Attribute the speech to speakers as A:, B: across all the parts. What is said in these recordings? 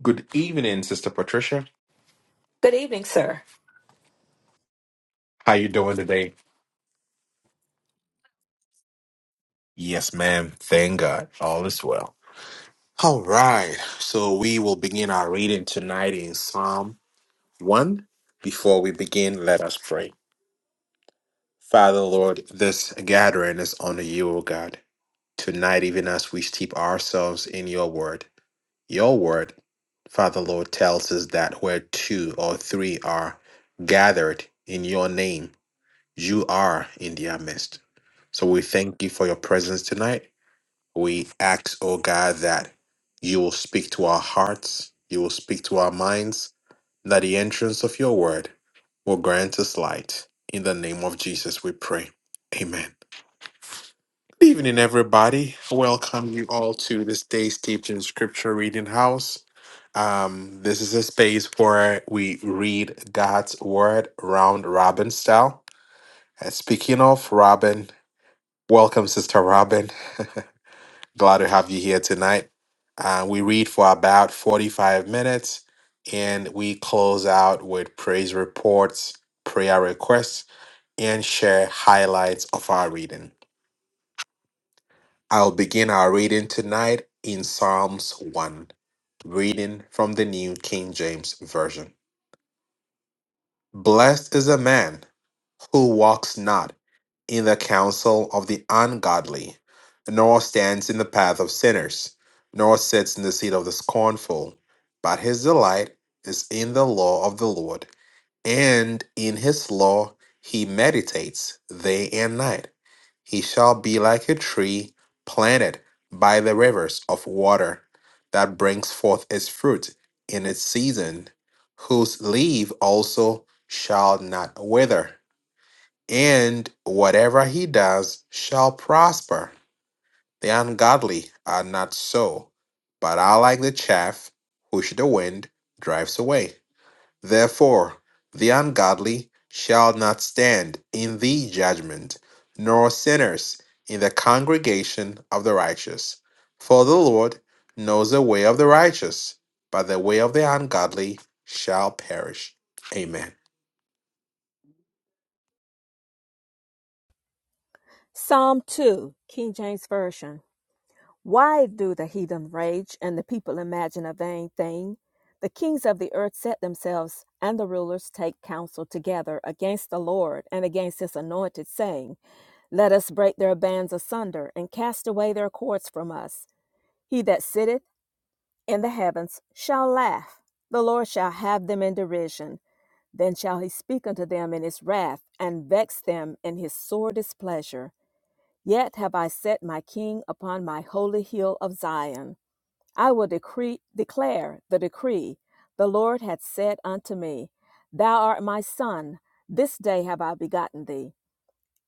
A: Good evening, Sister Patricia.
B: Good evening, sir.
A: How you doing today? Yes, ma'am. Thank God. All is well. All right. So we will begin our reading tonight in Psalm 1. Before we begin, let us pray. Father, Lord, this gathering is under you, O God. Tonight, even as we steep ourselves in your word, your word, Father, Lord, tells us that where two or three are gathered in your name, You are in their midst. So we thank you for your presence tonight. We ask, oh God, that you will speak to our hearts, you will speak to our minds, that the entrance of your word will grant us light. In the name of Jesus, we pray. Amen. Good evening, everybody. Welcome you all to this day's teaching scripture reading house. Um, this is a space where we read God's word round robin style. And speaking of Robin. Welcome, Sister Robin. Glad to have you here tonight. Uh, we read for about 45 minutes and we close out with praise reports, prayer requests, and share highlights of our reading. I'll begin our reading tonight in Psalms 1, reading from the New King James Version. Blessed is a man. who walks not in the counsel of the ungodly, nor stands in the path of sinners, nor sits in the seat of the scornful. But his delight is in the law of the Lord, and in his law he meditates day and night. He shall be like a tree planted by the rivers of water that brings forth its fruit in its season, whose leaf also shall not wither and whatever he does shall prosper. The ungodly are not so, but are like the chaff which the wind drives away. Therefore, the ungodly shall not stand in the judgment, nor sinners in the congregation of the righteous. For the Lord knows the way of the righteous, but the way of the ungodly shall perish. Amen.
B: Psalm 2, King James Version. Why do the heathen rage and the people imagine a vain thing? The kings of the earth set themselves, and the rulers take counsel together against the Lord and against his anointed, saying, Let us break their bands asunder and cast away their cords from us. He that sitteth in the heavens shall laugh. The Lord shall have them in derision. Then shall he speak unto them in his wrath, and vex them in his sore displeasure. Yet have I set my king upon my holy hill of Zion. I will decree, declare the decree the Lord hath said unto me, Thou art my son, this day have I begotten thee.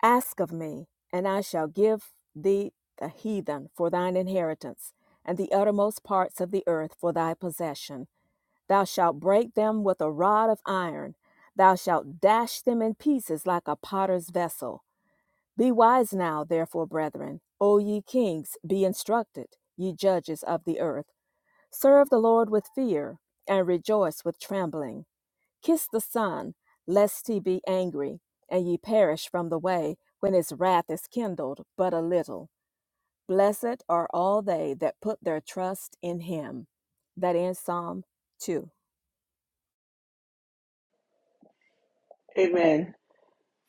B: Ask of me, and I shall give thee the heathen for thine inheritance, and the uttermost parts of the earth for thy possession. Thou shalt break them with a rod of iron, thou shalt dash them in pieces like a potter's vessel be wise now, therefore, brethren. O ye kings, be instructed, ye judges of the earth. Serve the Lord with fear, and rejoice with trembling. Kiss the Son, lest he be angry, and ye perish from the way, when his wrath is kindled but a little. Blessed are all they that put their trust in him. That ends Psalm 2.
C: Amen.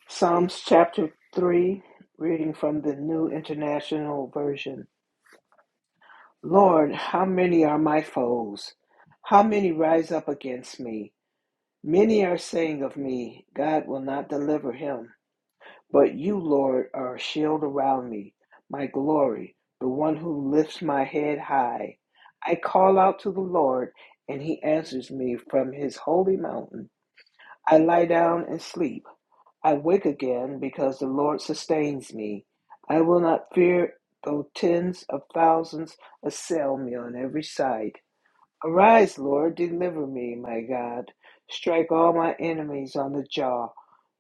C: Psalms chapter 3, reading from the New International Version. Lord, how many are my foes? How many rise up against me? Many are saying of me, God will not deliver him. But you, Lord, are a shield around me, my glory, the one who lifts my head high. I call out to the Lord, and he answers me from his holy mountain. I lie down and sleep I wake again because the Lord sustains me. I will not fear though tens of thousands assail me on every side. Arise, Lord, deliver me, my God. Strike all my enemies on the jaw.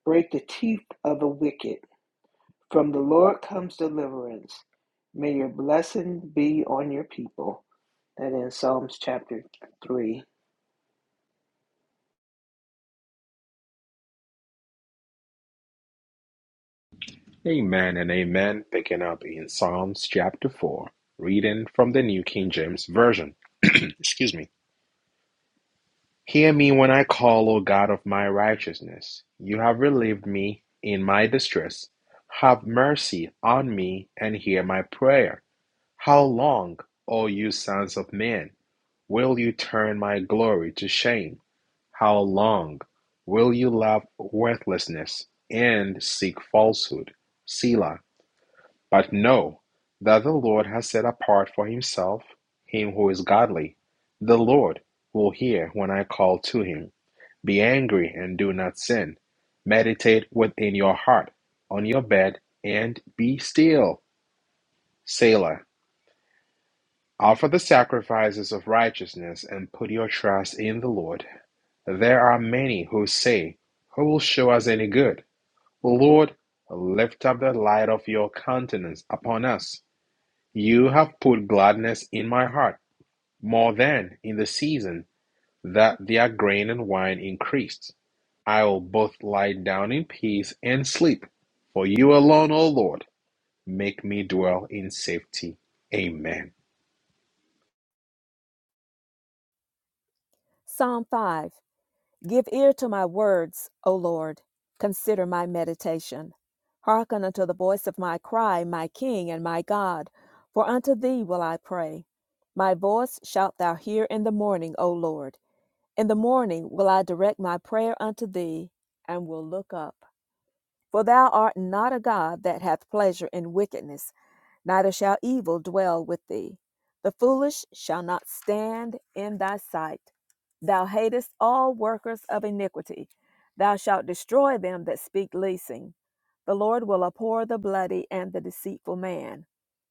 C: Break the teeth of the wicked. From the Lord comes deliverance. May your blessing be on your people. That in Psalms chapter 3.
A: Amen and amen. Picking up in Psalms chapter 4, reading from the New King James Version. Excuse me. Hear me when I call, O God of my righteousness. You have relieved me in my distress. Have mercy on me and hear my prayer. How long, O you sons of men, will you turn my glory to shame? How long will you love worthlessness and seek falsehood? Selah. But know that the Lord has set apart for himself him who is godly. The Lord will hear when I call to him. Be angry and do not sin. Meditate within your heart, on your bed, and be still. Selah. Offer the sacrifices of righteousness and put your trust in the Lord. There are many who say, Who will show us any good? Lord, lift up the light of your countenance upon us. You have put gladness in my heart, more than in the season that their grain and wine increased. I will both lie down in peace and sleep. For you alone, O Lord, make me dwell in safety. Amen.
B: Psalm 5. Give ear to my words, O Lord. Consider my meditation. Hearken unto the voice of my cry, my King and my God, for unto thee will I pray. My voice shalt thou hear in the morning, O Lord. In the morning will I direct my prayer unto thee, and will look up. For thou art not a God that hath pleasure in wickedness neither shall evil dwell with thee. The foolish shall not stand in thy sight. Thou hatest all workers of iniquity. Thou shalt destroy them that speak leasing. The Lord will abhor the bloody and the deceitful man.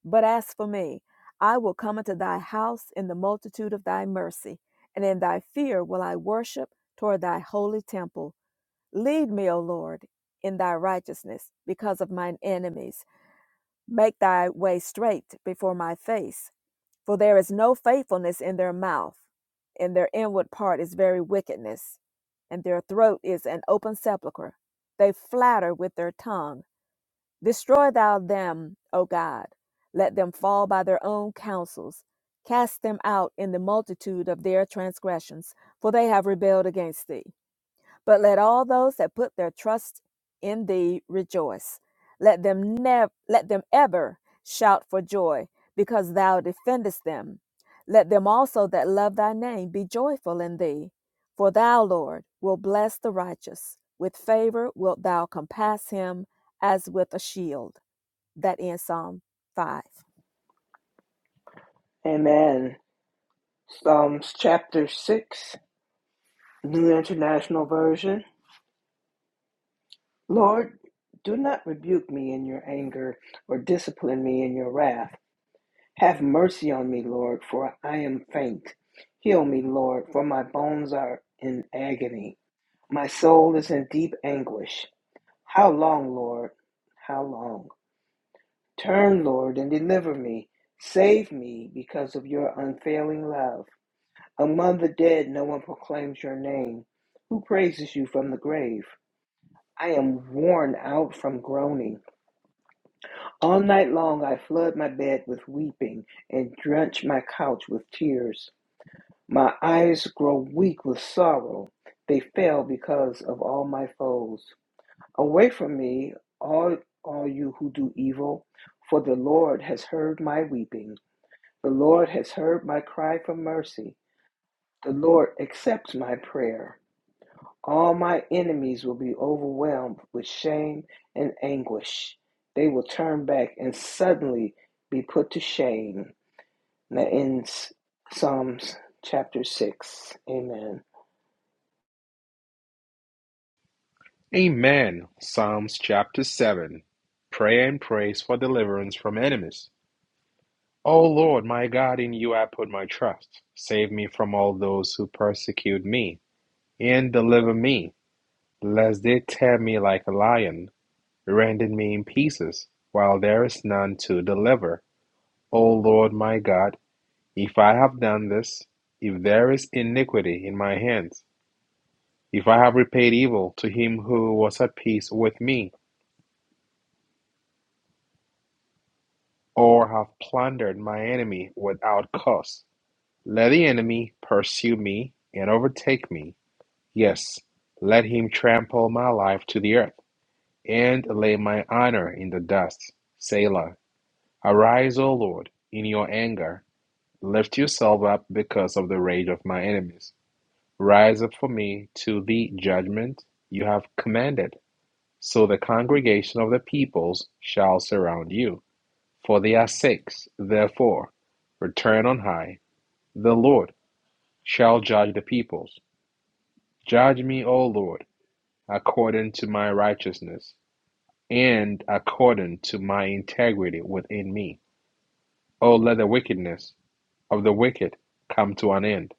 B: But as for me, I will come into thy house in the multitude of thy mercy, and in thy fear will I worship toward thy holy temple. Lead me, O Lord, in thy righteousness because of mine enemies Make thy way straight before my face, for there is no faithfulness in their mouth. In their inward part is very wickedness, and their throat is an open sepulchre. They flatter with their tongue. Destroy thou them, O God. Let them fall by their own counsels. Cast them out in the multitude of their transgressions, for they have rebelled against thee. But let all those that put their trust in thee rejoice. Let them never let them ever shout for joy, because thou defendest them. Let them also that love thy name be joyful in thee. For thou, Lord, will bless the righteous. With favor wilt thou compass him as with a shield. That ends Psalm 5.
C: Amen. Psalms chapter 6, New International Version. Lord, do not rebuke me in your anger or discipline me in your wrath. Have mercy on me, Lord, for I am faint. Heal me, Lord, for my bones are in agony. My soul is in deep anguish. How long, Lord? How long? Turn, Lord, and deliver me. Save me because of your unfailing love. Among the dead, no one proclaims your name. Who praises you from the grave? I am worn out from groaning. All night long I flood my bed with weeping and drench my couch with tears. My eyes grow weak with sorrow. They fail because of all my foes. Away from me, all, all you who do evil, for the Lord has heard my weeping. The Lord has heard my cry for mercy. The Lord accepts my prayer. All my enemies will be overwhelmed with shame and anguish. They will turn back and suddenly be put to shame. And that ends Psalms chapter 6. Amen.
A: Amen. Psalms chapter 7 Prayer and praise for deliverance from enemies. O Lord, my God, in you I put my trust. Save me from all those who persecute me, and deliver me, lest they tear me like a lion Rending me in pieces, while there is none to deliver. O Lord my God, if I have done this, if there is iniquity in my hands, if I have repaid evil to him who was at peace with me, or have plundered my enemy without cause, let the enemy pursue me and overtake me. Yes, let him trample my life to the earth, and lay my honor in the dust. Selah. Arise, O Lord, in your anger Lift yourself up because of the rage of my enemies. Rise up for me to the judgment you have commanded. So the congregation of the peoples shall surround you. For they are six, therefore, return on high. The Lord shall judge the peoples. Judge me, O Lord, according to my righteousness and according to my integrity within me. O let the wickedness of the wicked come to an end,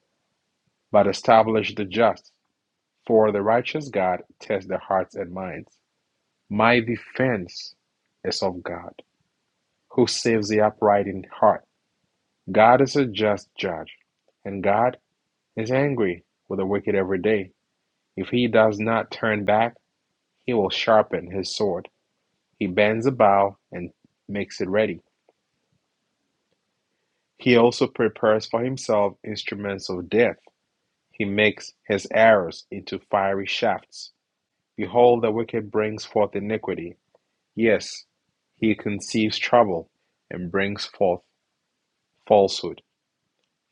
A: but establish the just For the righteous God tests the hearts and minds. My defense is of God, who saves the upright in heart. God is a just judge, and God is angry with the wicked every day. If he does not turn back, he will sharpen his sword. He bends a bow and makes it ready. He also prepares for himself instruments of death. He makes his arrows into fiery shafts. Behold, the wicked brings forth iniquity Yes, he conceives trouble, and brings forth falsehood.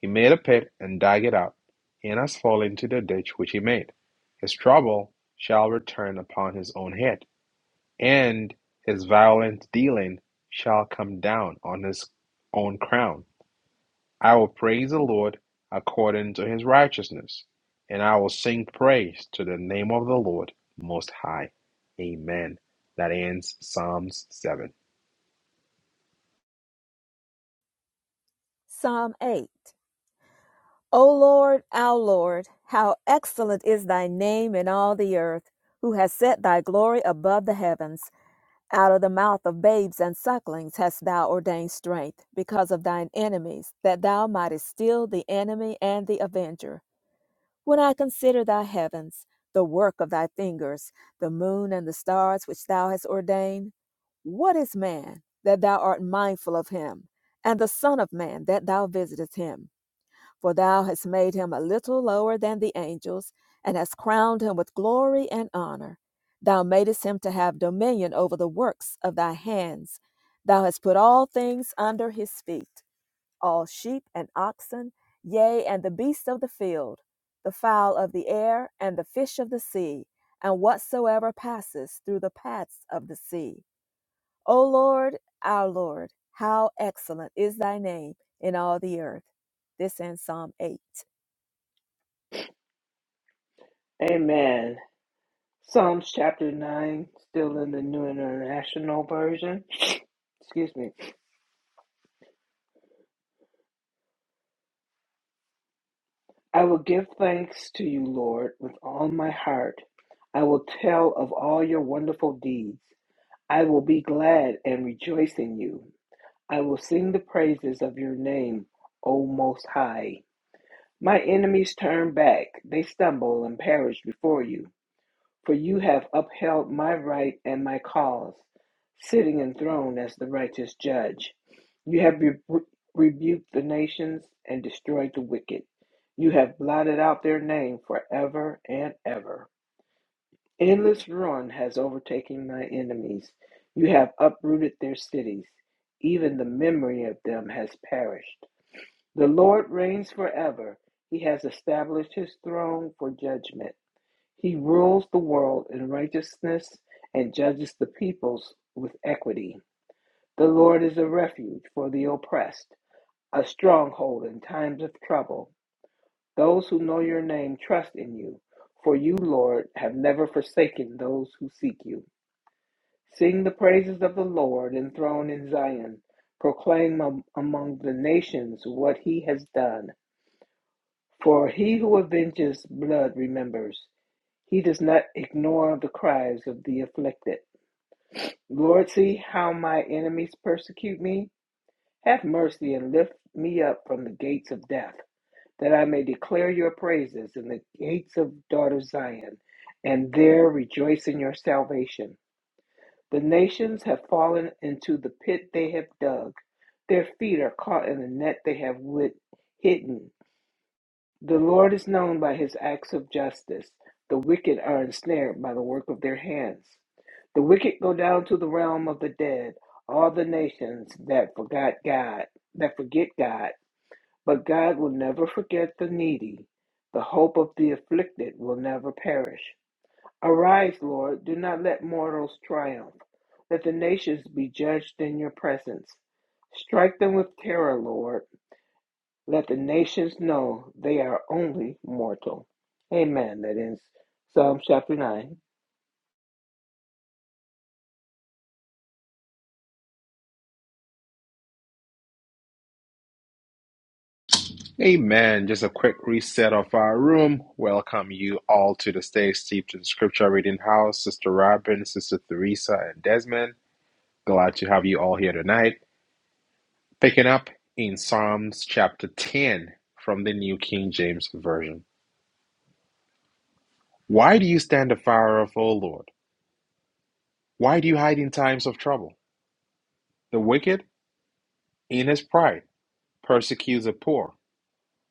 A: He made a pit, and dug it up, and has fallen into the ditch which he made. His trouble shall return upon his own head, and his violent dealing shall come down on his own crown. I will praise the Lord according to his righteousness, and I will sing praise to the name of the Lord Most High. Amen. That ends Psalms 7.
B: Psalm 8. O Lord, our Lord, how excellent is thy name in all the earth, who has set thy glory above the heavens. Out of the mouth of babes and sucklings hast thou ordained strength, because of thine enemies, that thou mightest still the enemy and the avenger. When I consider thy heavens, the work of thy fingers, the moon and the stars which thou hast ordained, what is man that thou art mindful of him, and the Son of Man that thou visitest him? For thou hast made him a little lower than the angels, and hast crowned him with glory and honor. Thou madest him to have dominion over the works of thy hands. Thou hast put all things under his feet, all sheep and oxen, yea, and the beasts of the field, the fowl of the air, and the fish of the sea, and whatsoever passes through the paths of the sea. O Lord, our Lord, how excellent is thy name in all the earth. This in Psalm 8.
C: Amen. Psalms chapter 9, still in the New International Version. Excuse me. I will give thanks to you, Lord, with all my heart. I will tell of all your wonderful deeds. I will be glad and rejoice in you. I will sing the praises of your name, O Most High. My enemies turn back, they stumble and perish before you. For you have upheld my right and my cause, sitting enthroned as the righteous judge. You have rebu- rebuked the nations and destroyed the wicked. You have blotted out their name forever and ever. Endless ruin has overtaken my enemies. You have uprooted their cities. Even the memory of them has perished. The Lord reigns forever. He has established his throne for judgment. He rules the world in righteousness and judges the peoples with equity. The Lord is a refuge for the oppressed, a stronghold in times of trouble. Those who know your name trust in you, for you, Lord, have never forsaken those who seek you. Sing the praises of the Lord enthroned in Zion. Proclaim among the nations what he has done. For he who avenges blood remembers. He does not ignore the cries of the afflicted. Lord, see how my enemies persecute me. Have mercy and lift me up from the gates of death, that I may declare your praises in the gates of daughter Zion, and there rejoice in your salvation. The nations have fallen into the pit they have dug. Their feet are caught in the net they have wit- hidden. The Lord is known by his acts of justice. The wicked are ensnared by the work of their hands. The wicked go down to the realm of the dead, all the nations that forgot God, that forget God. But God will never forget the needy. The hope of the afflicted will never perish. Arise, Lord, do not let mortals triumph. Let the nations be judged in your presence. Strike them with terror, Lord. Let the nations know they are only mortal. Amen. That ends Psalm chapter 9.
A: Amen. Just a quick reset of our room. Welcome you all to the Stay steeped in scripture reading house, Sister Robin, Sister Theresa, and Desmond. Glad to have you all here tonight. Picking up in Psalms chapter 10 from the New King James Version. Why do you stand afar off, O Lord? Why do you hide in times of trouble? The wicked, in his pride, persecutes the poor.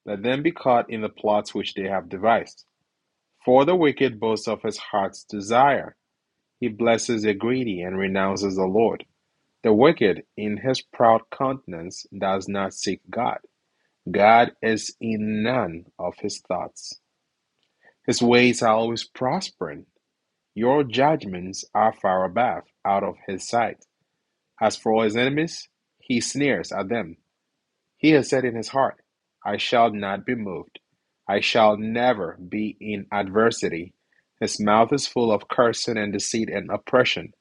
A: Let them be caught in the plots which they have devised. For the wicked boasts of his heart's desire He blesses the greedy, and renounces the Lord. The wicked, in his proud countenance, does not seek God. God is in none of his thoughts. His ways are always prospering. Your judgments are far above, out of his sight. As for his enemies, he sneers at them. He has said in his heart, I shall not be moved. I shall never be in adversity. His mouth is full of cursing and deceit and oppression.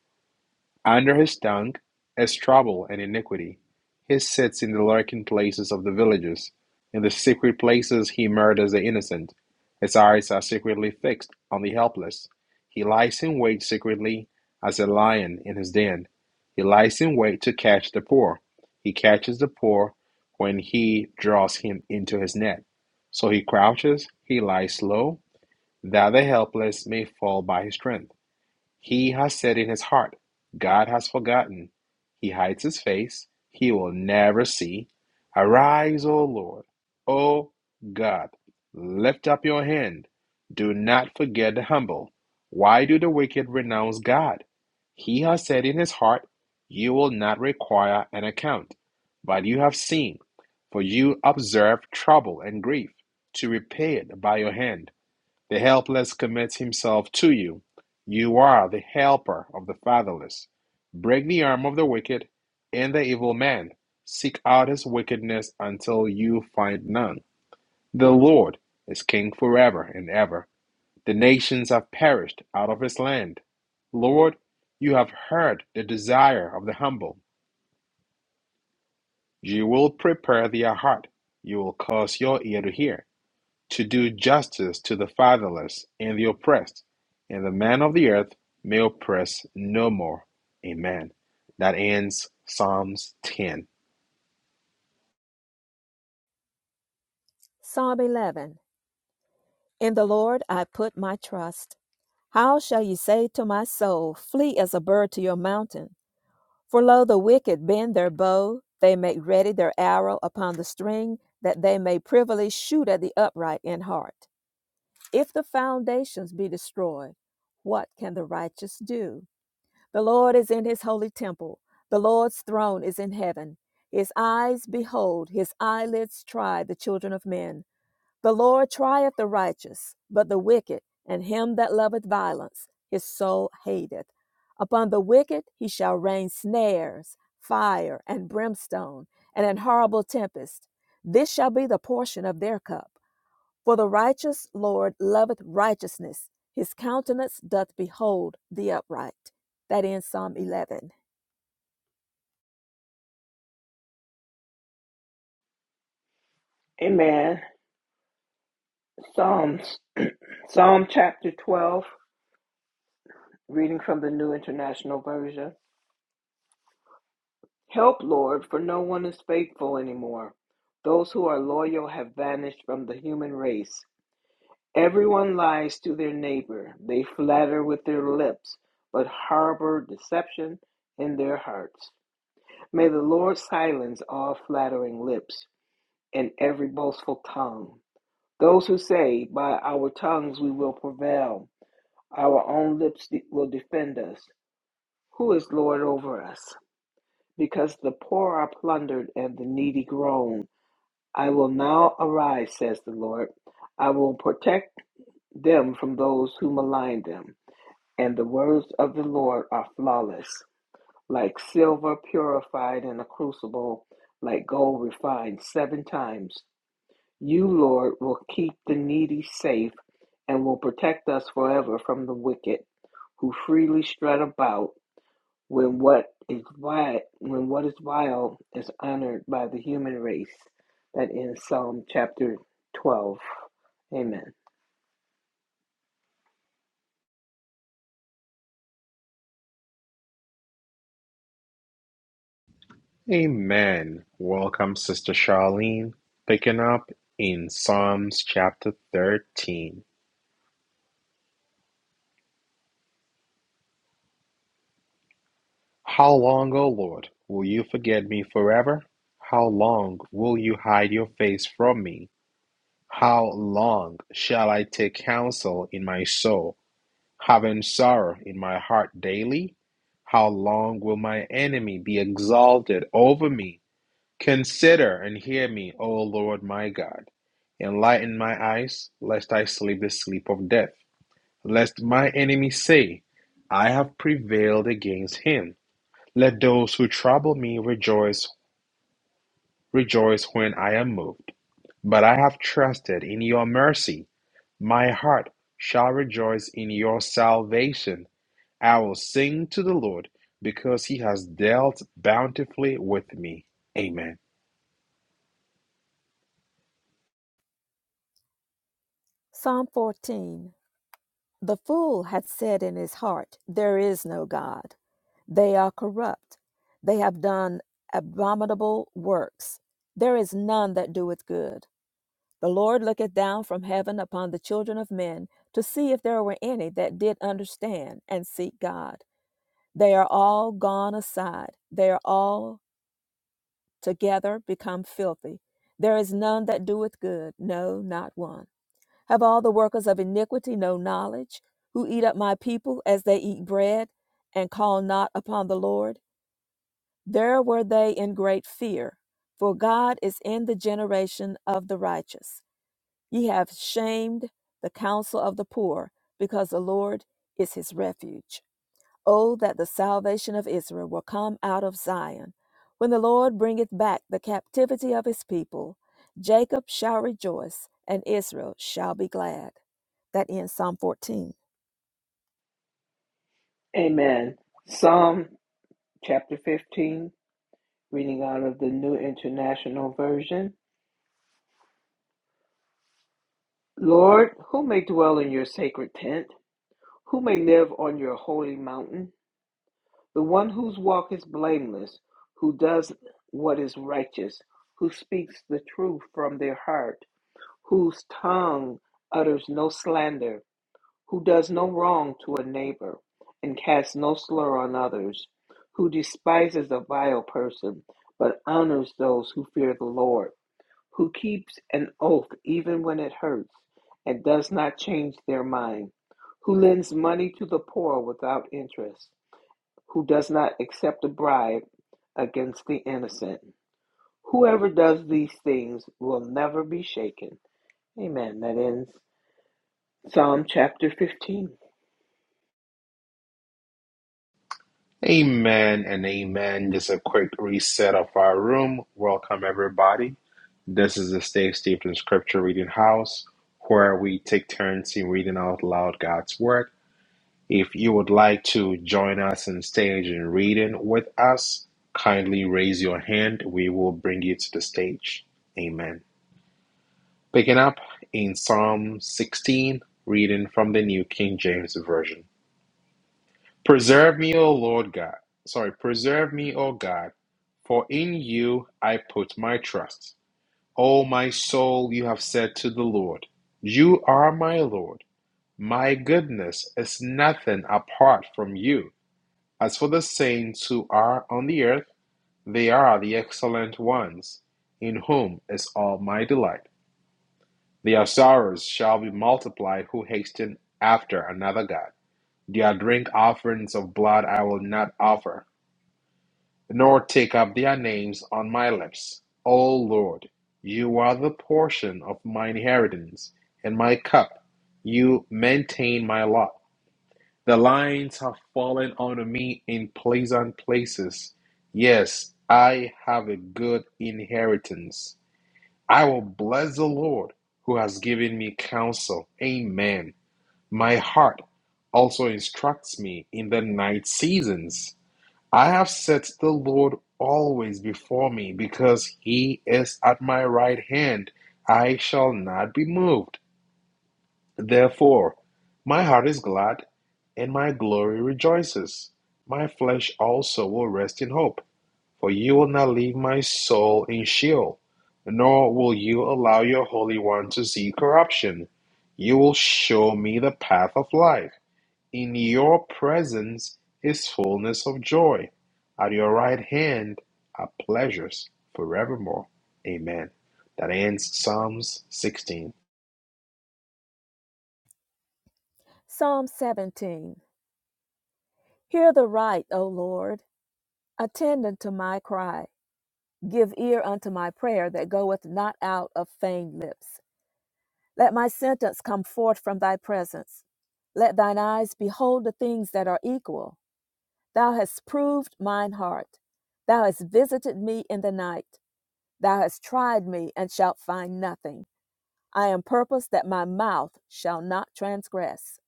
A: Under his tongue is trouble and iniquity. He sits in the lurking places of the villages. In the secret places he murders the innocent. His eyes are secretly fixed on the helpless. He lies in wait secretly as a lion in his den. He lies in wait to catch the poor. He catches the poor when he draws him into his net. So he crouches, he lies low, that the helpless may fall by his strength. He has said in his heart, God has forgotten. He hides his face. He will never see. Arise, O Lord, O God. Lift up your hand. Do not forget the humble. Why do the wicked renounce God? He has said in his heart, You will not require an account. But you have seen, for you observe trouble and grief, to repay it by your hand. The helpless commits himself to you. You are the helper of the fatherless. Break the arm of the wicked and the evil man. Seek out his wickedness until you find none. The Lord is king forever and ever. The nations have perished out of his land. Lord, you have heard the desire of the humble. You will prepare their heart. You will cause your ear to hear. to do justice to the fatherless and the oppressed, and the man of the earth may oppress no more. Amen. That ends Psalms 10.
B: Psalm 11 In the Lord I put my trust. How shall you say to my soul, Flee as a bird to your mountain? For lo, the wicked bend their bow, they make ready their arrow upon the string, that they may privily shoot at the upright in heart. If the foundations be destroyed, what can the righteous do? The Lord is in his holy temple, the Lord's throne is in heaven. His eyes behold, his eyelids try the children of men. The Lord trieth the righteous, but the wicked, and him that loveth violence, his soul hateth. Upon the wicked he shall rain snares, fire, and brimstone, and an horrible tempest. This shall be the portion of their cup. For the righteous Lord loveth righteousness, his countenance doth behold the upright. That ends Psalm 11.
C: Amen. Psalms. Psalm chapter 12, reading from the New International Version. Help, Lord, for no one is faithful anymore. Those who are loyal have vanished from the human race. Everyone lies to their neighbor. They flatter with their lips, but harbor deception in their hearts. May the Lord silence all flattering lips and every boastful tongue. Those who say, By our tongues we will prevail, our own lips de- will defend us. Who is Lord over us? Because the poor are plundered and the needy groan. I will now arise, says the Lord. I will protect them from those who malign them. And the words of the Lord are flawless, like silver purified in a crucible, like gold refined seven times. You, Lord, will keep the needy safe and will protect us forever from the wicked who freely strut about when what is wild, when what is wild is honored by the human race. That ends Psalm chapter 12. Amen.
A: Amen. Welcome, Sister Charlene. Picking up in Psalms chapter 13. How long, O Lord, will you forget me forever? How long will you hide your face from me? How long shall I take counsel in my soul? having sorrow in my heart daily? How long will my enemy be exalted over me? Consider and hear me, O Lord my God. Enlighten my eyes, lest I sleep the sleep of death. Lest my enemy say, I have prevailed against him. Let those who trouble me rejoice, rejoice when I am moved. But I have trusted in your mercy. My heart shall rejoice in your salvation. I will sing to the Lord because he has dealt bountifully with me. Amen.
B: Psalm 14. The fool hath said in his heart, There is no God. They are corrupt. They have done abominable works. There is none that doeth good. The Lord looketh down from heaven upon the children of men to see if there were any that did understand and seek God. They are all gone aside. They are all together become filthy. There is none that doeth good, no, not one. Have all the workers of iniquity no knowledge, who eat up my people as they eat bread, and call not upon the Lord? There were they in great fear, for God is in the generation of the righteous. Ye have shamed the counsel of the poor, because the Lord is his refuge. Oh, that the salvation of Israel will come out of Zion. When the Lord bringeth back the captivity of his people, Jacob shall rejoice, and Israel shall be glad. That ends Psalm 14.
C: Amen. Psalm chapter 15 Reading out of the New International Version. Lord, who may dwell in your sacred tent? Who may live on your holy mountain? The one whose walk is blameless, who does what is righteous, who speaks the truth from their heart, whose tongue utters no slander, who does no wrong to a neighbor, and casts no slur on others, who despises a vile person, but honors those who fear the Lord who keeps an oath even when it hurts and does not change their mind, who lends money to the poor without interest, who does not accept a bribe against the innocent. Whoever does these things will never be shaken. Amen. That ends Psalm chapter 15.
A: Amen and amen. Just a quick reset of our room. Welcome, everybody. This is the Stay Steeped in Scripture Reading House where we take turns in reading out loud God's Word. If you would like to join us in stage and reading with us, kindly raise your hand. We will bring you to the stage. Amen. Picking up in Psalm 16, reading from the New King James Version. Preserve me, O Lord God. Sorry, preserve me, O God, for in you I put my trust. O my soul, you have said to the Lord, You are my Lord. My goodness is nothing apart from you. As for the saints who are on the earth, they are the excellent ones, in whom is all my delight. The sorrows shall be multiplied who hasten after another God. Their drink offerings of blood I will not offer, nor take up their names on my lips. O Lord, you are the portion of mine inheritance and my cup. You maintain my lot. The lines have fallen unto me in pleasant places. Yes, I have a good inheritance. I will bless the Lord who has given me counsel. Amen. My heart also instructs me in the night seasons. I have set the Lord always before me because he is at my right hand. I shall not be moved. Therefore, my heart is glad and my glory rejoices. My flesh also will rest in hope for you will not leave my soul in Sheol, nor will you allow your Holy One to see corruption. You will show me the path of life. In your presence is fullness of joy. At your right hand are pleasures forevermore. Amen. That ends Psalms 16.
B: Psalm 17. Hear the right, O Lord. Attend unto my cry. Give ear unto my prayer that goeth not out of feigned lips. Let my sentence come forth from thy presence. Let thine eyes behold the things that are equal. Thou hast proved mine heart. Thou hast visited me in the night. Thou hast tried me and shalt find nothing. I am purposed that my mouth shall not transgress.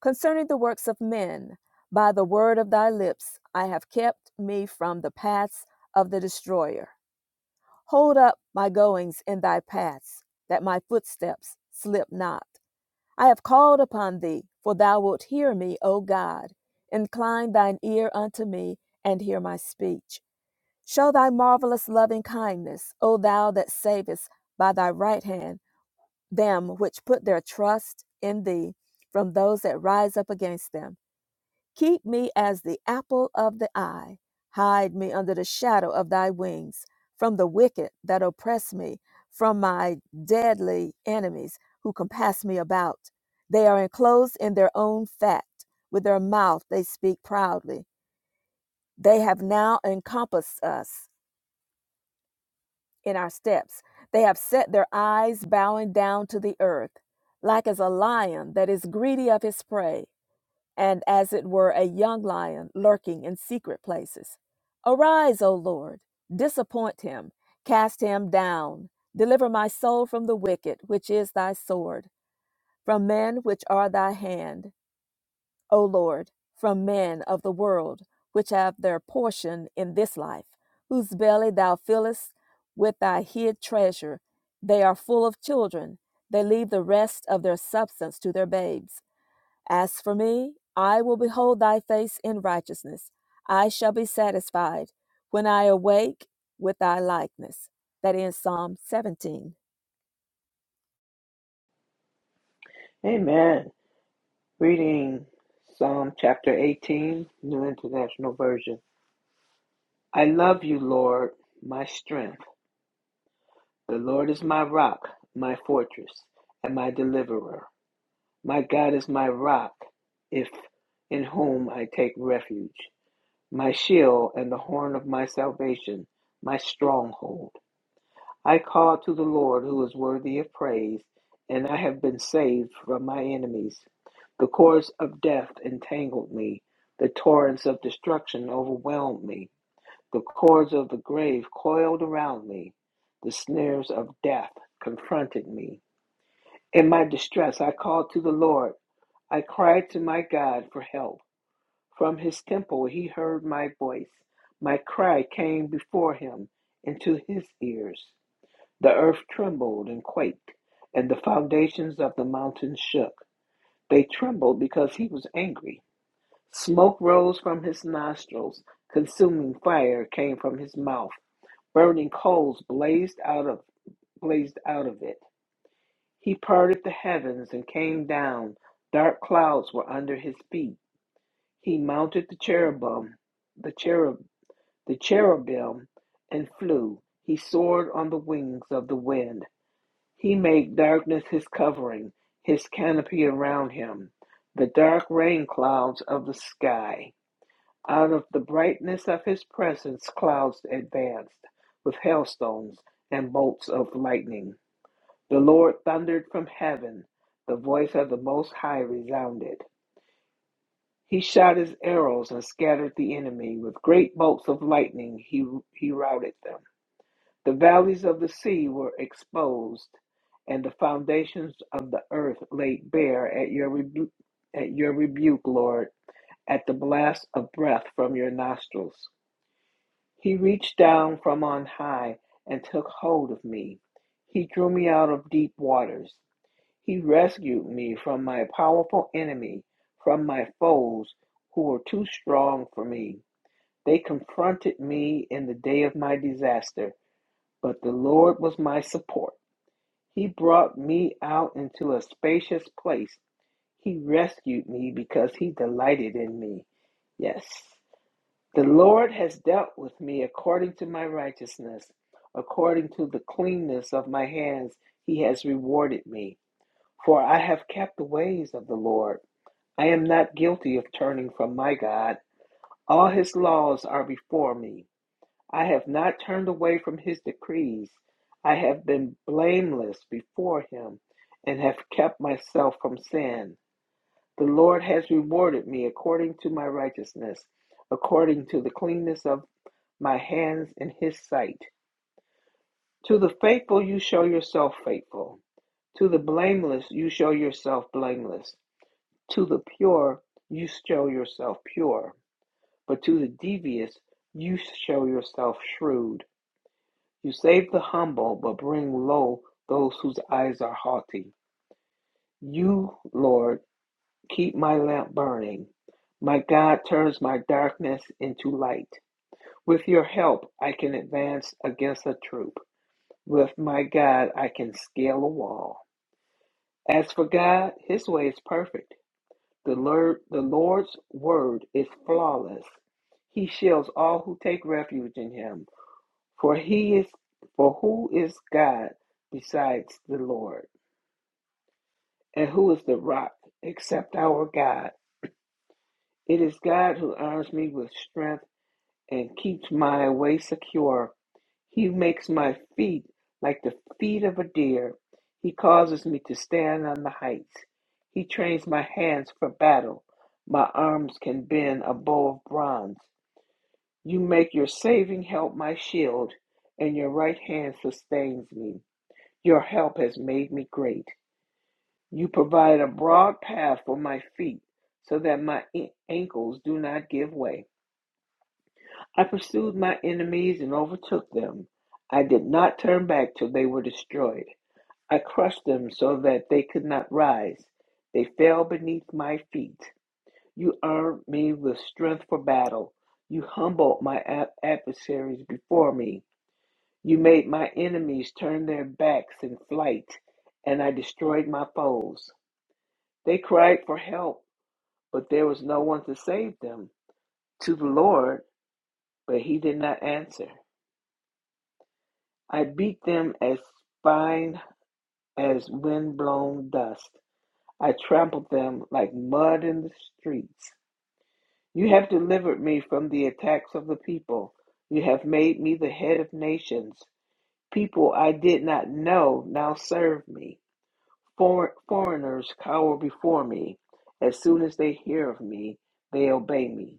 B: Concerning the works of men, by the word of thy lips I have kept me from the paths of the destroyer. Hold up my goings in thy paths, that my footsteps slip not. I have called upon thee, for thou wilt hear me, O God. Incline thine ear unto me, and hear my speech. Show thy marvelous loving kindness, O thou that savest by thy right hand them which put their trust in thee from those that rise up against them. Keep me as the apple of the eye. Hide me under the shadow of thy wings, from the wicked that oppress me, from my deadly enemies who compass me about. They are enclosed in their own fat. With their mouth they speak proudly. They have now encompassed us in our steps. They have set their eyes bowing down to the earth, like as a lion that is greedy of his prey. and as it were a young lion lurking in secret places. Arise, O Lord, disappoint him, cast him down. Deliver my soul from the wicked, which is thy sword, from men which are thy hand, O Lord, from men of the world, which have their portion in this life, whose belly thou fillest with thy hid treasure. They are full of children, they leave the rest of their substance to their babes. As for me, I will behold thy face in righteousness. I shall be satisfied when I awake with thy likeness. That ends Psalm 17.
C: Amen. Reading Psalm chapter 18, New International Version. I love you, Lord, my strength. The Lord is my rock, my fortress, and my deliverer. My God is my rock, if in whom I take refuge, my shield and the horn of my salvation, my stronghold. I called to the Lord who is worthy of praise, and I have been saved from my enemies. The cords of death entangled me, the torrents of destruction overwhelmed me. The cords of the grave coiled around me. The snares of death confronted me. In my distress, I called to the Lord. I cried to my God for help. From his temple, he heard my voice. My cry came before him into his ears. The earth trembled and quaked, and the foundations of the mountains shook. They trembled because he was angry. Smoke rose from his nostrils, consuming fire came from his mouth. Burning coals blazed out of blazed out of it. He parted the heavens and came down. Dark clouds were under his feet. He mounted the cherubim, the cherub, the cherubim, and flew. He soared on the wings of the wind. He made darkness his covering, his canopy around him, the dark rain clouds of the sky. Out of the brightness of his presence, clouds advanced with hailstones and bolts of lightning. The Lord thundered from heaven, the voice of the Most High resounded. He shot his arrows and scattered the enemy. With great bolts of lightning, he, he routed them. The valleys of the sea were exposed, and the foundations of the earth laid bare at your, rebu- at your rebuke, Lord, at the blast of breath from your nostrils. He reached down from on high and took hold of me. He drew me out of deep waters. He rescued me from my powerful enemy, from my foes who were too strong for me. They confronted me in the day of my disaster, but the Lord was my support. He brought me out into a spacious place. He rescued me because he delighted in me. Yes. The Lord has dealt with me according to my righteousness, according to the cleanness of my hands, he has rewarded me. For I have kept the ways of the Lord. I am not guilty of turning from my God. All his laws are before me. I have not turned away from his decrees. I have been blameless before him and have kept myself from sin. The Lord has rewarded me according to my righteousness, according to the cleanness of my hands in his sight. To the faithful, you show yourself faithful. To the blameless, you show yourself blameless. To the pure, you show yourself pure. But to the devious, you show yourself shrewd. You save the humble, but bring low those whose eyes are haughty. You, Lord, keep my lamp burning. My God turns my darkness into light. With your help, I can advance against a troop. With my God, I can scale a wall. As for God, his way is perfect. The Lord, the Lord's word is flawless. He shields all who take refuge in him. For he is for who is God besides the Lord? And who is the rock except our God? It is God who arms me with strength and keeps my way secure. He makes my feet like the feet of a deer. He causes me to stand on the heights. He trains my hands for battle. My arms can bend a bow of bronze. You make your saving help my shield, and your right hand sustains me. Your help has made me great. You provide a broad path for my feet so that my ankles do not give way. I pursued my enemies and overtook them. I did not turn back till they were destroyed. I crushed them so that they could not rise. They fell beneath my feet. You armed me with strength for battle. You humbled my ad- adversaries before me. You made my enemies turn their backs in flight, and I destroyed my foes. They cried for help, but there was no one to save them. To the Lord, but he did not answer. I beat them as fine as windblown dust. I trampled them like mud in the streets. You have delivered me from the attacks of the people. You have made me the head of nations. People I did not know now serve me. For- foreigners cower before me. As soon as they hear of me, they obey me.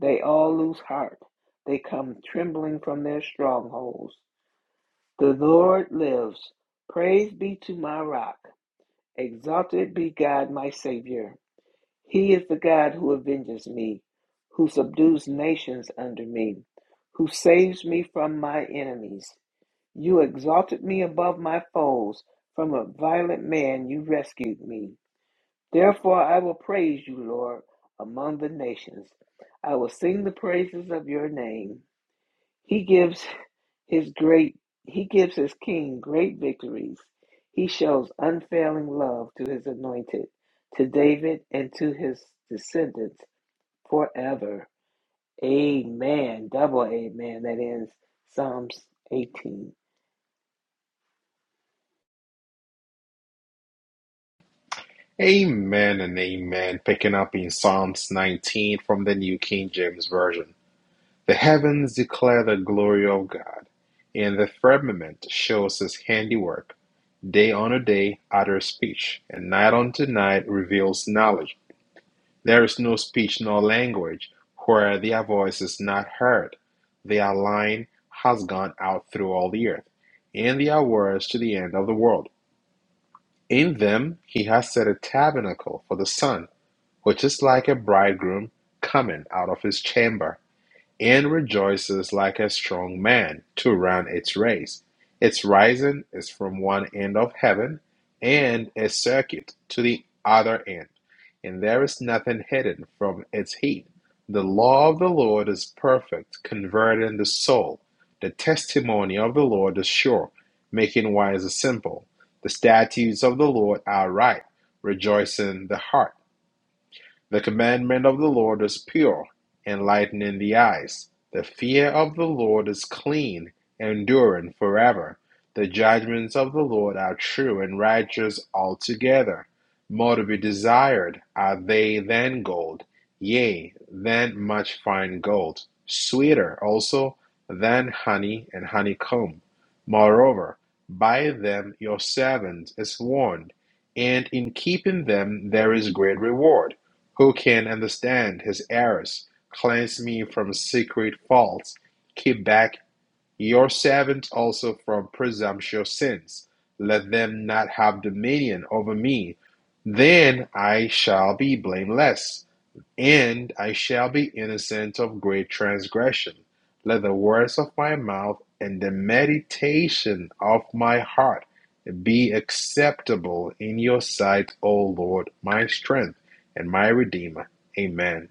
C: They all lose heart. They come trembling from their strongholds. The Lord lives. Praise be to my rock. Exalted be God, my Savior. He is the God who avenges me, who subdues nations under me, who saves me from my enemies. You exalted me above my foes. From a violent man you rescued me. Therefore I will praise you, Lord, among the nations. I will sing the praises of your name. He gives his great he gives his king great victories. He shows unfailing love to his anointed, to David and to his descendants forever. Amen. Double amen. That ends Psalms 18.
A: Amen and amen. Picking up in Psalms 19 from the New King James Version. The heavens declare the glory of God, and the firmament shows his handiwork. Day unto day utters speech, and night unto night reveals knowledge. There is no speech nor language where their voice is not heard. Their line has gone out through all the earth, and their words to the end of the world. In them he has set a tabernacle for the sun, which is like a bridegroom coming out of his chamber and rejoices like a strong man to run its race. Its rising is from one end of heaven and is circuit to the other end, and there is nothing hidden from its heat. The law of the Lord is perfect, converting the soul. The testimony of the Lord is sure, making wise the simple. The statutes of the Lord are right, rejoicing the heart. The commandment of the Lord is pure, enlightening the eyes. The fear of the Lord is clean, enduring forever. The judgments of the Lord are true and righteous altogether. More to be desired are they than gold, yea, than much fine gold, sweeter also than honey and honeycomb. Moreover, by them your servant is warned, and in keeping them there is great reward. Who can understand his errors? Cleanse me from secret faults. Keep back your servant also from presumptuous sins. Let them not have dominion over me. Then I shall be blameless and I shall be innocent of great transgression. Let the words of my mouth and the meditation of my heart be acceptable in your sight, O Lord, my strength and my redeemer. Amen.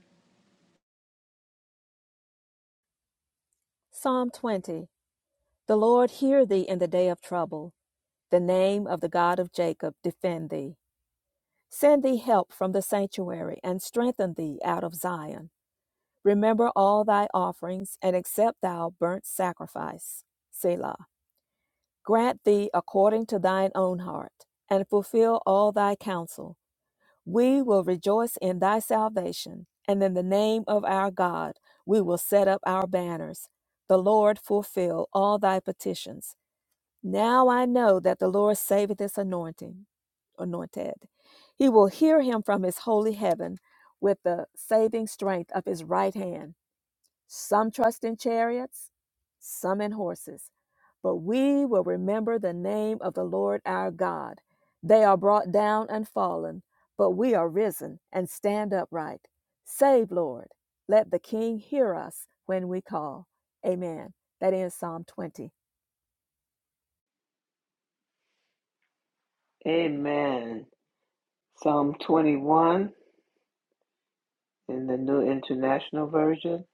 B: Psalm 20. The Lord hear thee in the day of trouble. The name of the God of Jacob defend thee. Send thee help from the sanctuary and strengthen thee out of Zion. Remember all thy offerings and accept thou burnt sacrifice. Selah. Grant thee according to thine own heart, and fulfill all thy counsel. We will rejoice in thy salvation, and in the name of our God we will set up our banners. The Lord fulfill all thy petitions. Now I know that the Lord saveth his anointing, anointed. He will hear him from his holy heaven with the saving strength of his right hand. Some trust in chariots, some in horses. But we will remember the name of the Lord our God. They are brought down and fallen, but we are risen and stand upright. Save, Lord. Let the King hear us when we call. Amen. That ends Psalm 20.
C: Amen. Psalm 21 in the New International Version.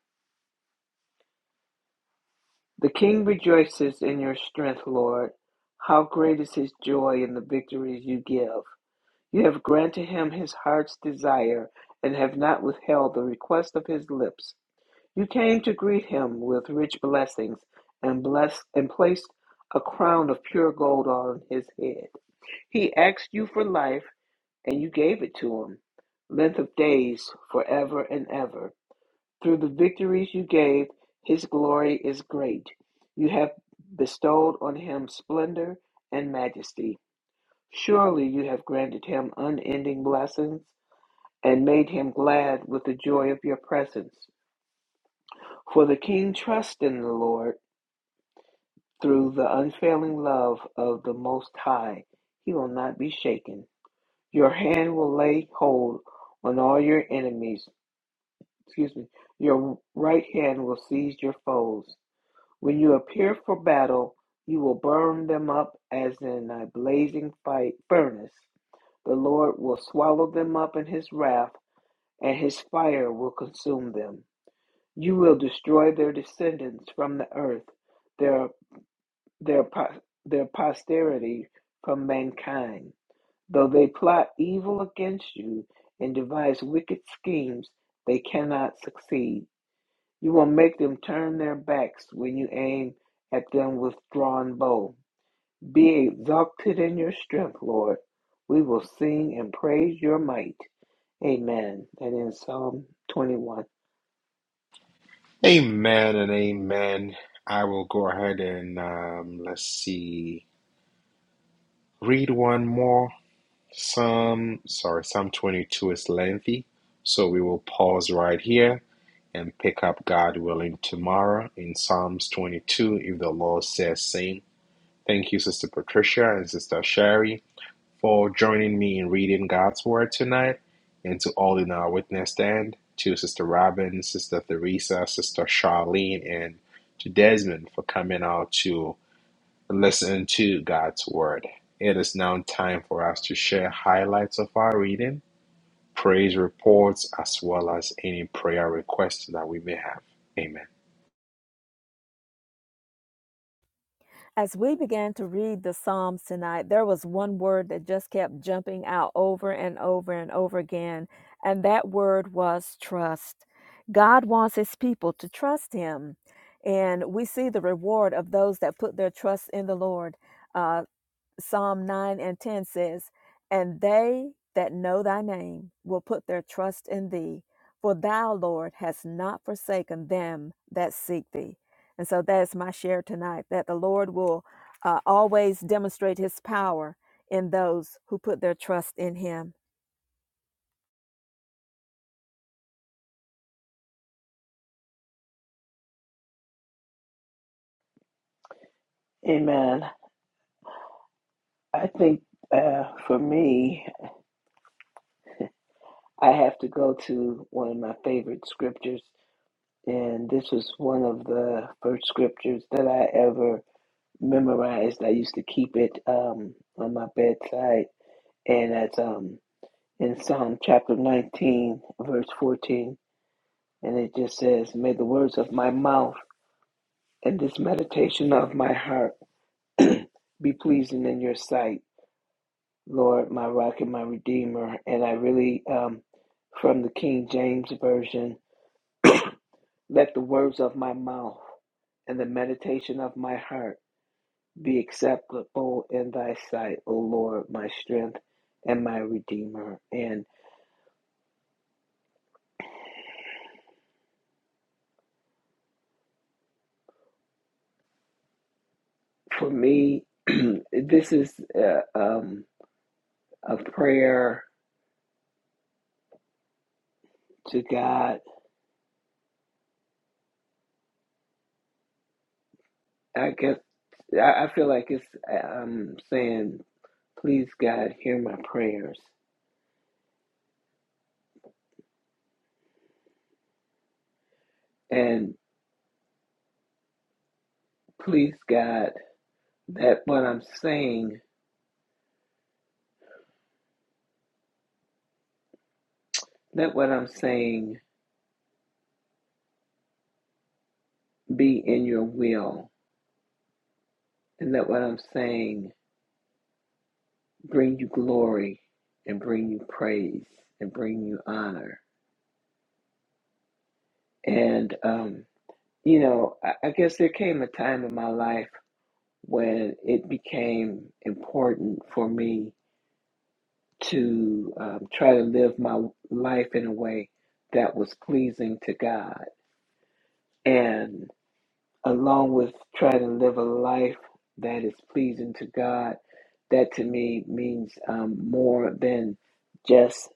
C: The king rejoices in your strength, Lord. How great is his joy in the victories you give. You have granted him his heart's desire and have not withheld the request of his lips. You came to greet him with rich blessings and blessed and placed a crown of pure gold on his head. He asked you for life and you gave it to him, length of days forever and ever. Through the victories you gave, his glory is great. You have bestowed on him splendor and majesty. Surely you have granted him unending blessings and made him glad with the joy of your presence. For the king trusts in the Lord through the unfailing love of the Most High. He will not be shaken. Your hand will lay hold on all your enemies. Excuse me. Your right hand will seize your foes. When you appear for battle, you will burn them up as in a blazing fight furnace. The Lord will swallow them up in his wrath, and his fire will consume them. You will destroy their descendants from the earth, their, their, their posterity from mankind. Though they plot evil against you and devise wicked schemes, they cannot succeed. You will make them turn their backs when you aim at them with drawn bow. Be exalted in your strength, Lord. We will sing and praise your might. Amen. And in Psalm 21.
A: Amen and amen. I will go ahead and um, let's see, read one more. Psalm, sorry, Psalm 22 is lengthy, so we will pause right here. and pick up God willing tomorrow in Psalms 22 if the Lord says same. Thank you, Sister Patricia and Sister Sherry, for joining me in reading God's Word tonight, and to all in our witness stand, to Sister Robin, Sister Theresa, Sister Charlene, and to Desmond for coming out to listen to God's Word. It is now time for us to share highlights of our reading, praise reports, as well as any prayer requests that we may have. Amen.
B: As we began to read the Psalms tonight, there was one word that just kept jumping out over and over and over again, and that word was trust. God wants his people to trust him, and we see the reward of those that put their trust in the Lord. Uh, Psalm 9 and 10 says, And they that know thy name will put their trust in thee, for thou, Lord, hast not forsaken them that seek thee. And so that is my share tonight that the Lord will uh, always demonstrate his power in those who put their trust in him.
C: Amen. I think uh, for me, I have to go to one of my favorite scriptures, and this was one of the first scriptures that I ever memorized. I used to keep it um, on my bedside, and that's um, in Psalm chapter 19, verse 14, and it just says, "May the words of my mouth and this meditation of my heart be pleasing in your sight." Lord, my rock and my redeemer. And I really, um, from the King James Version, let the words of my mouth and the meditation of my heart be acceptable in thy sight, O Lord, my strength and my redeemer. And for me, this is uh, um, a prayer to God. I guess I, I feel like it's um, saying, please, God, hear my prayers. And please, God, that what I'm saying, let what I'm saying be in your will, and let what I'm saying bring you glory and bring you praise and bring you honor. And, um, you know, I, I guess there came a time in my life when it became important for me to um, try to live my life in a way that was pleasing to God. And along with try to live a life that is pleasing to God. That to me means um, more than just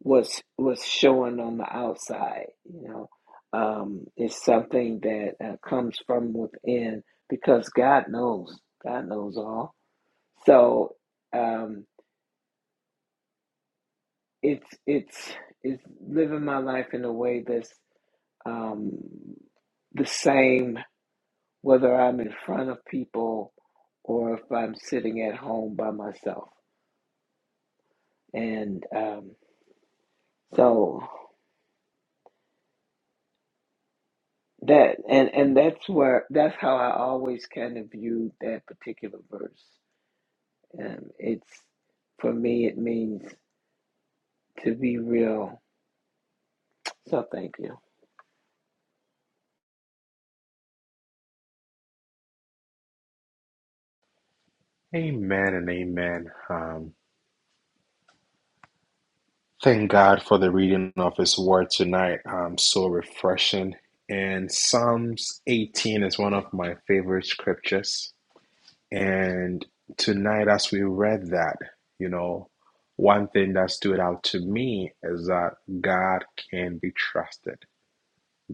C: what's what's showing on the outside. You know, um, it's something that uh, comes from within because God knows. God knows all. So um, it's it's it's living my life in a way that's um, the same whether I'm in front of people or if I'm sitting at home by myself. And um, so that and and that's where that's how I always kind of viewed that particular verse. Um, it's for me, it means to be real. So thank you.
A: Amen and amen. Um, thank God for the reading of His Word tonight. Um, so refreshing. And Psalms 18 is one of my favorite scriptures. And tonight, as we read that, you know, one thing that stood out to me is that God can be trusted.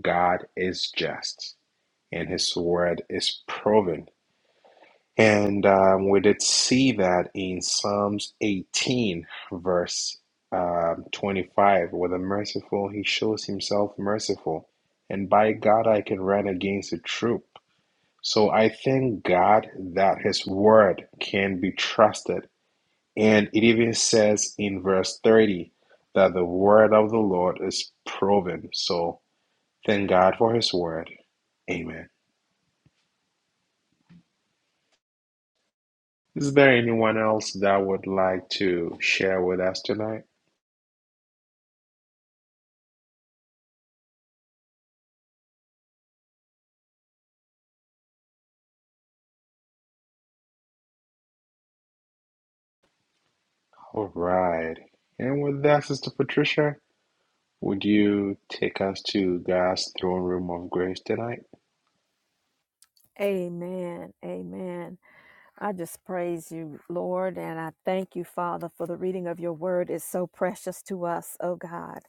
A: God is just, and His Word is proven. And um, we did see that in Psalms 18, verse um 25, with the merciful, he shows himself merciful. And by God, I can run against a troop. So I thank God that his word can be trusted. And it even says in verse 30 that the word of the Lord is proven. So thank God for his word. Amen. Is there anyone else that would like to share with us tonight? All right. And with that, Sister Patricia, would you take us to God's throne room of grace tonight?
B: Amen. Amen. I just praise you, Lord, and I thank you, Father, for the reading of your word is so precious to us, oh God.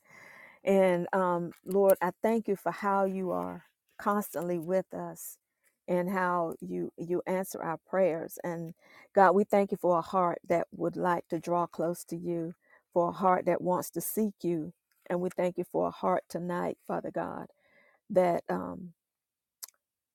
B: And um, Lord, I thank you for how you are constantly with us and how you you answer our prayers. And God, we thank you for a heart that would like to draw close to you, for a heart that wants to seek you. And we thank you for a heart tonight, Father God, that um,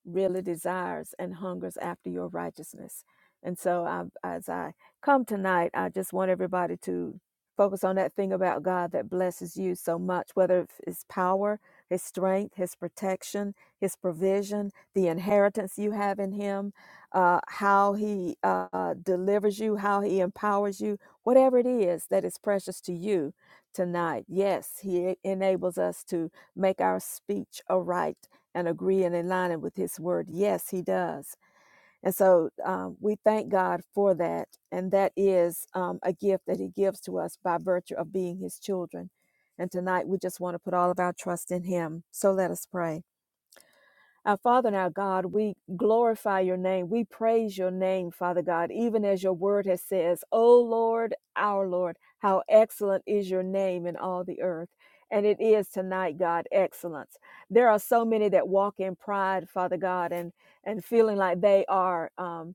B: really desires and hungers after your righteousness. And so, I, as I come tonight, I just want everybody to focus on that thing about God that blesses you so much, whether it's His power, His strength, His protection, His provision, the inheritance you have in Him, uh, how He uh, delivers you, how He empowers you, whatever it is that is precious to you tonight. Yes, He e-, enables us to make our speech aright and agree and in alignment with his word. Yes, he does. And so um, we thank God for that. And that is um, a gift that he gives to us by virtue of being his children. And tonight we just want to put all of our trust in him. So let us pray. Our Father and our God, we glorify your name. We praise your name, Father God, even as your word has says, O Lord, our Lord, how excellent is your name in all the earth. And it is tonight, God, excellence. There are so many that walk in pride, Father God, and and feeling like they are. um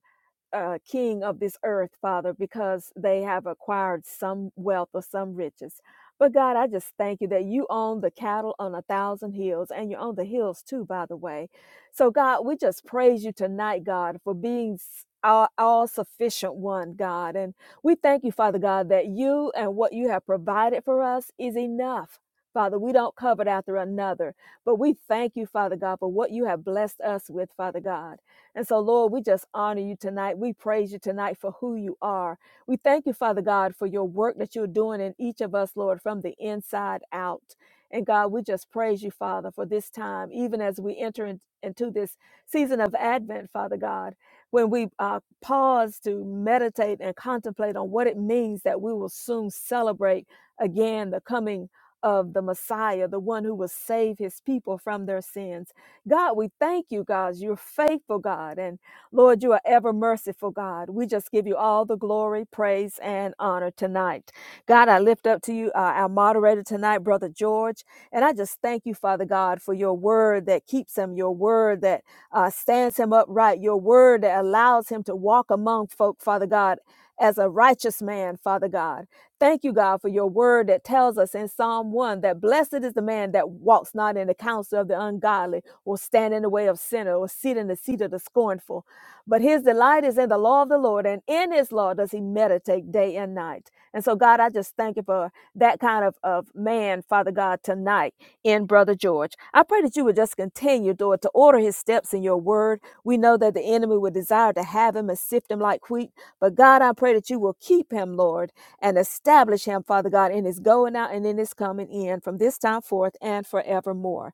B: uh, king of this earth, Father, because they have acquired some wealth or some riches. But God, I just thank you that you own the cattle on a thousand hills, and you own the hills too, by the way. So, God, we just praise you tonight, God, for being all, all sufficient one, God. And we thank you, Father God, that you and what you have provided for us is enough. Father, we don't covet after another, but we thank you, Father God, for what you have blessed us with, Father God. And so, Lord, we just honor you tonight. We praise you tonight for who you are. We thank you, Father God, for your work that you're doing in each of us, Lord, from the inside out. And God, we just praise you, Father, for this time, even as we enter in- into this season of Advent, Father God, when we uh, pause to meditate and contemplate on what it means that we will soon celebrate again the coming of the Messiah, the one who will save his people from their sins. God, we thank you, God. You're faithful, God. And Lord, you are ever merciful, God. We just give you all the glory, praise, and honor tonight. God, I lift up to you uh, our moderator tonight, Brother George. And I just thank you, Father God, for your word that keeps him, your word that uh, stands him upright, your word that allows him to walk among folk, Father God, as a righteous man, Father God. Thank you, God, for your word that tells us in Psalm 1 that blessed is the man that walks not in the counsel of the ungodly, or stand in the way of sinner, or sit in the seat of the scornful. But his delight is in the law of the Lord, and in his law does he meditate day and night. And so, God, I just thank you for that kind of, of man, Father God, tonight in Brother George. I pray that you would just continue, Lord, to order his steps in your word. We know that the enemy would desire to have him and sift him like wheat. But God, I pray that you will keep him, Lord, and establish him, Father God, in his going out and in his coming in from this time forth and forevermore.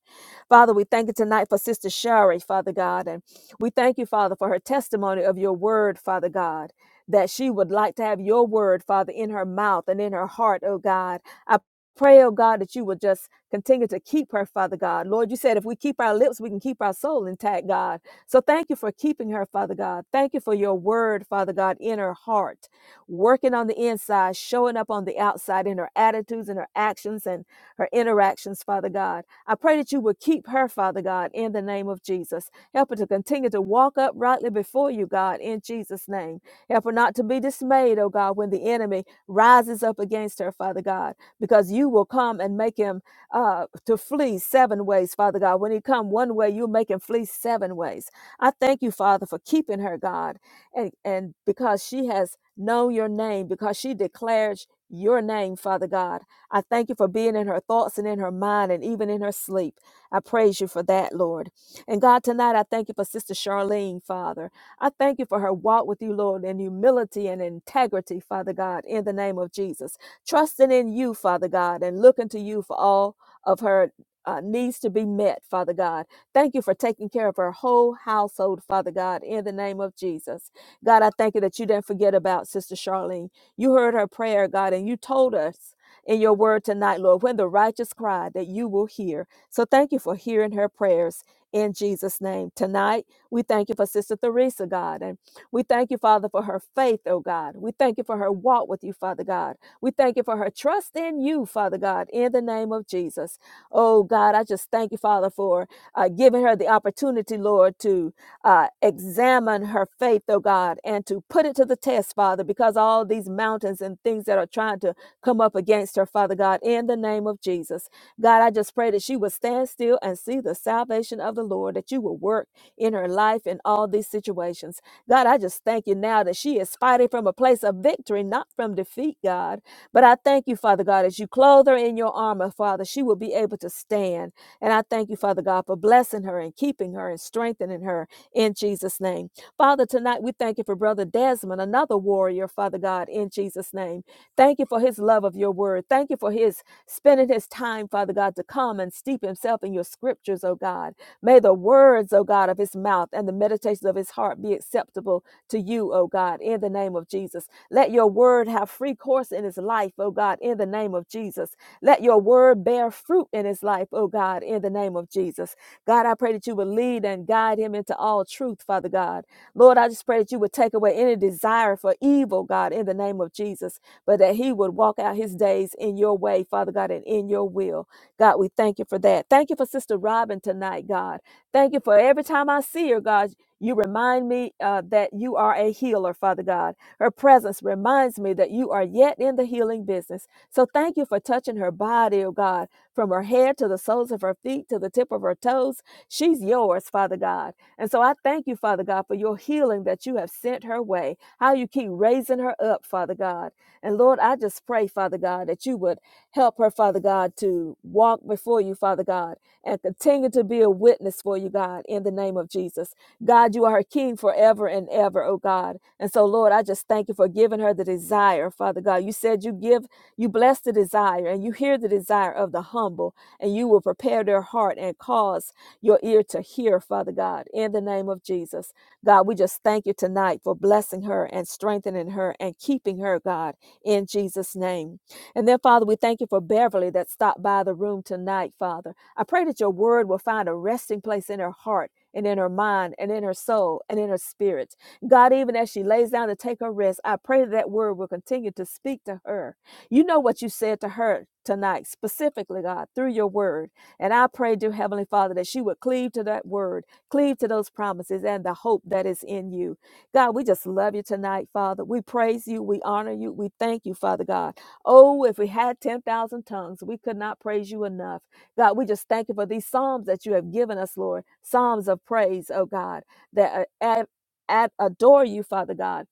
B: Father, we thank you tonight for Sister Shari, Father God. And we thank you, Father, for her testimony of your word, Father God. That she would like to have your word, Father, in her mouth and in her heart, oh God. I. Pray, oh God, that you will just continue to keep her, Father God. Lord, you said if we keep our lips, we can keep our soul intact, God. So thank you for keeping her, Father God. Thank you for your word, Father God, in her heart, working on the inside, showing up on the outside in her attitudes and her actions and her interactions, Father God. I pray that you will keep her, Father God, in the name of Jesus. Help her to continue to walk uprightly before you, God, in Jesus' name. Help her not to be dismayed, oh God, when the enemy rises up against her, Father God because you will come and make him uh, to flee seven ways, Father God. When he come one way, you'll make him flee seven ways. I thank you, Father, for keeping her, God, and and because she has known your name, because she declares your name, Father God. I thank you for being in her thoughts and in her mind and even in her sleep. I praise you for that, Lord. And God, tonight I thank you for Sister Charlene, Father. I thank you for her walk with you, Lord, in humility and integrity, Father God, in the name of Jesus trusting in you, Father God, and looking to you for all of her uh, needs to be met, Father God. Thank you for taking care of her whole household, Father God, in the name of Jesus. God, I thank you that you didn't forget about Sister Charlene. You heard her prayer, God, and you told us in your word tonight, Lord, when the righteous cry, that you will hear. So thank you for hearing her prayers in Jesus' name. Tonight, we thank you for Sister Theresa, God, and we thank you, Father, for her faith, oh God. We thank you for her walk with you, Father God. We thank you for her trust in you, Father God, in the name of Jesus. Oh God, I just thank you, Father, for uh, giving her the opportunity, Lord, to uh, examine her faith, oh God, and to put it to the test, Father, because all these mountains and things that are trying to come up against her, Father God, in the name of Jesus. God, I just pray that she would stand still and see the salvation of the Lord, that you will work in her life in all these situations. God, I just thank you now that she is fighting from a place of victory, not from defeat, God. But I thank you, Father God, as you clothe her in your armor, Father, she will be able to stand. And I thank you, Father God, for blessing her and keeping her and strengthening her in Jesus' name. Father, tonight we thank you for Brother Desmond, another warrior, Father God, in Jesus' name. Thank you for his love of your word. Thank you for his spending his time, Father God, to come and steep himself in your scriptures, oh God. May the words, oh God, of his mouth and the meditations of his heart be acceptable to you, oh God, in the name of Jesus. Let your word have free course in his life, oh God, in the name of Jesus. Let your word bear fruit in his life, oh God, in the name of Jesus. God, I pray that you would lead and guide him into all truth, Father God. Lord, I just pray that you would take away any desire for evil, God, in the name of Jesus, but that he would walk out his days in your way, Father God, and in your will. God, we thank you for that. Thank you for Sister Robin tonight, God. Thank you for every time I see her, God. You remind me uh, that you are a healer, Father God. Her presence reminds me that you are yet in the healing business. So thank you for touching her body, oh God, from her head to the soles of her feet to the tip of her toes. She's yours, Father God. And so I thank you, Father God, for your healing that you have sent her way, how you keep raising her up, Father God. And Lord, I just pray, Father God, that you would help her, Father God, to walk before you, Father God, and continue to be a witness for you, God, in the name of Jesus. God, you are her king forever and ever, oh God. And so, Lord, I just thank you for giving her the desire, Father God. You said you give, you bless the desire, and you hear the desire of the humble, and you will prepare their heart and cause your ear to hear, Father God, in the name of Jesus. God, we just thank you tonight for blessing her and strengthening her and keeping her, God, in Jesus' name. And then, Father, we thank you for Beverly that stopped by the room tonight, Father. I pray that your word will find a resting place in her heart and in her mind and in her soul and in her spirit. God, even as she lays down to take her rest, I pray that word will continue to speak to her. You know what you said to her tonight, specifically, God, through your word. And I pray, dear Heavenly Father, that she would cleave to that word, cleave to those promises and the hope that is in you. God, we just love you tonight, Father. We praise you. We honor you. We thank you, Father God. Oh, if we had 10,000 tongues, we could not praise you enough. God, we just thank you for these psalms that you have given us, Lord. Psalms of praise, oh God, that uh, ad- ad- adore you, Father God,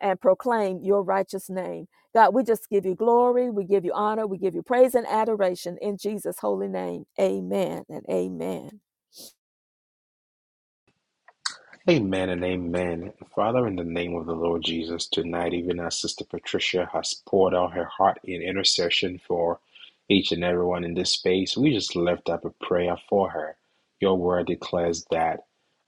B: and proclaim your righteous name. God, we just give you glory, we give you honor, we give you praise and adoration in Jesus' holy name. Amen and amen.
A: Amen and amen. Father, in the name of the Lord Jesus, tonight, even as Sister Patricia has poured out her heart in intercession for each and everyone in this space, we just lift up a prayer for her. Your word declares that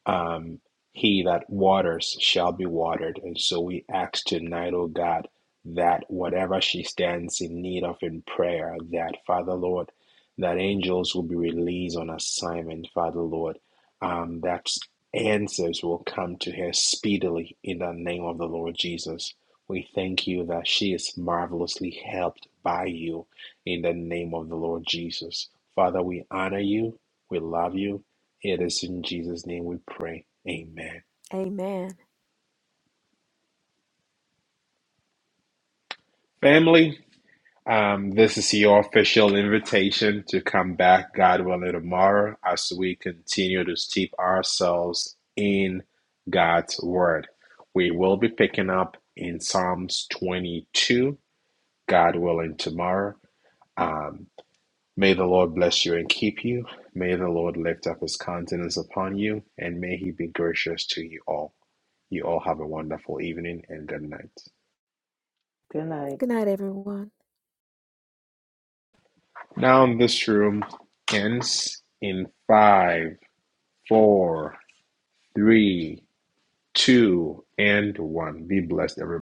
A: um, he that waters shall be watered. And so we ask tonight, oh God, that whatever she stands in need of in prayer, that, Father Lord, that angels will be released on assignment, Father Lord. Um, that Answers will come to her speedily in the name of the Lord Jesus. We thank you that she is marvelously helped by you in the name of the Lord Jesus. Father, we honor you. We love you. It is in Jesus' name we pray. Amen.
B: Amen.
A: Family. Um, this is your official invitation to come back, God willing, tomorrow as we continue to steep ourselves in God's Word. We will be picking up in Psalms 22, God willing, tomorrow. Um, may the Lord bless you and keep you. May the Lord lift up his countenance upon you, and may he be gracious to you all. You all have a wonderful evening and good night.
C: Good night.
B: Good night, everyone.
A: Now, this room ends in five four, three, two, and one. Be blessed, everybody.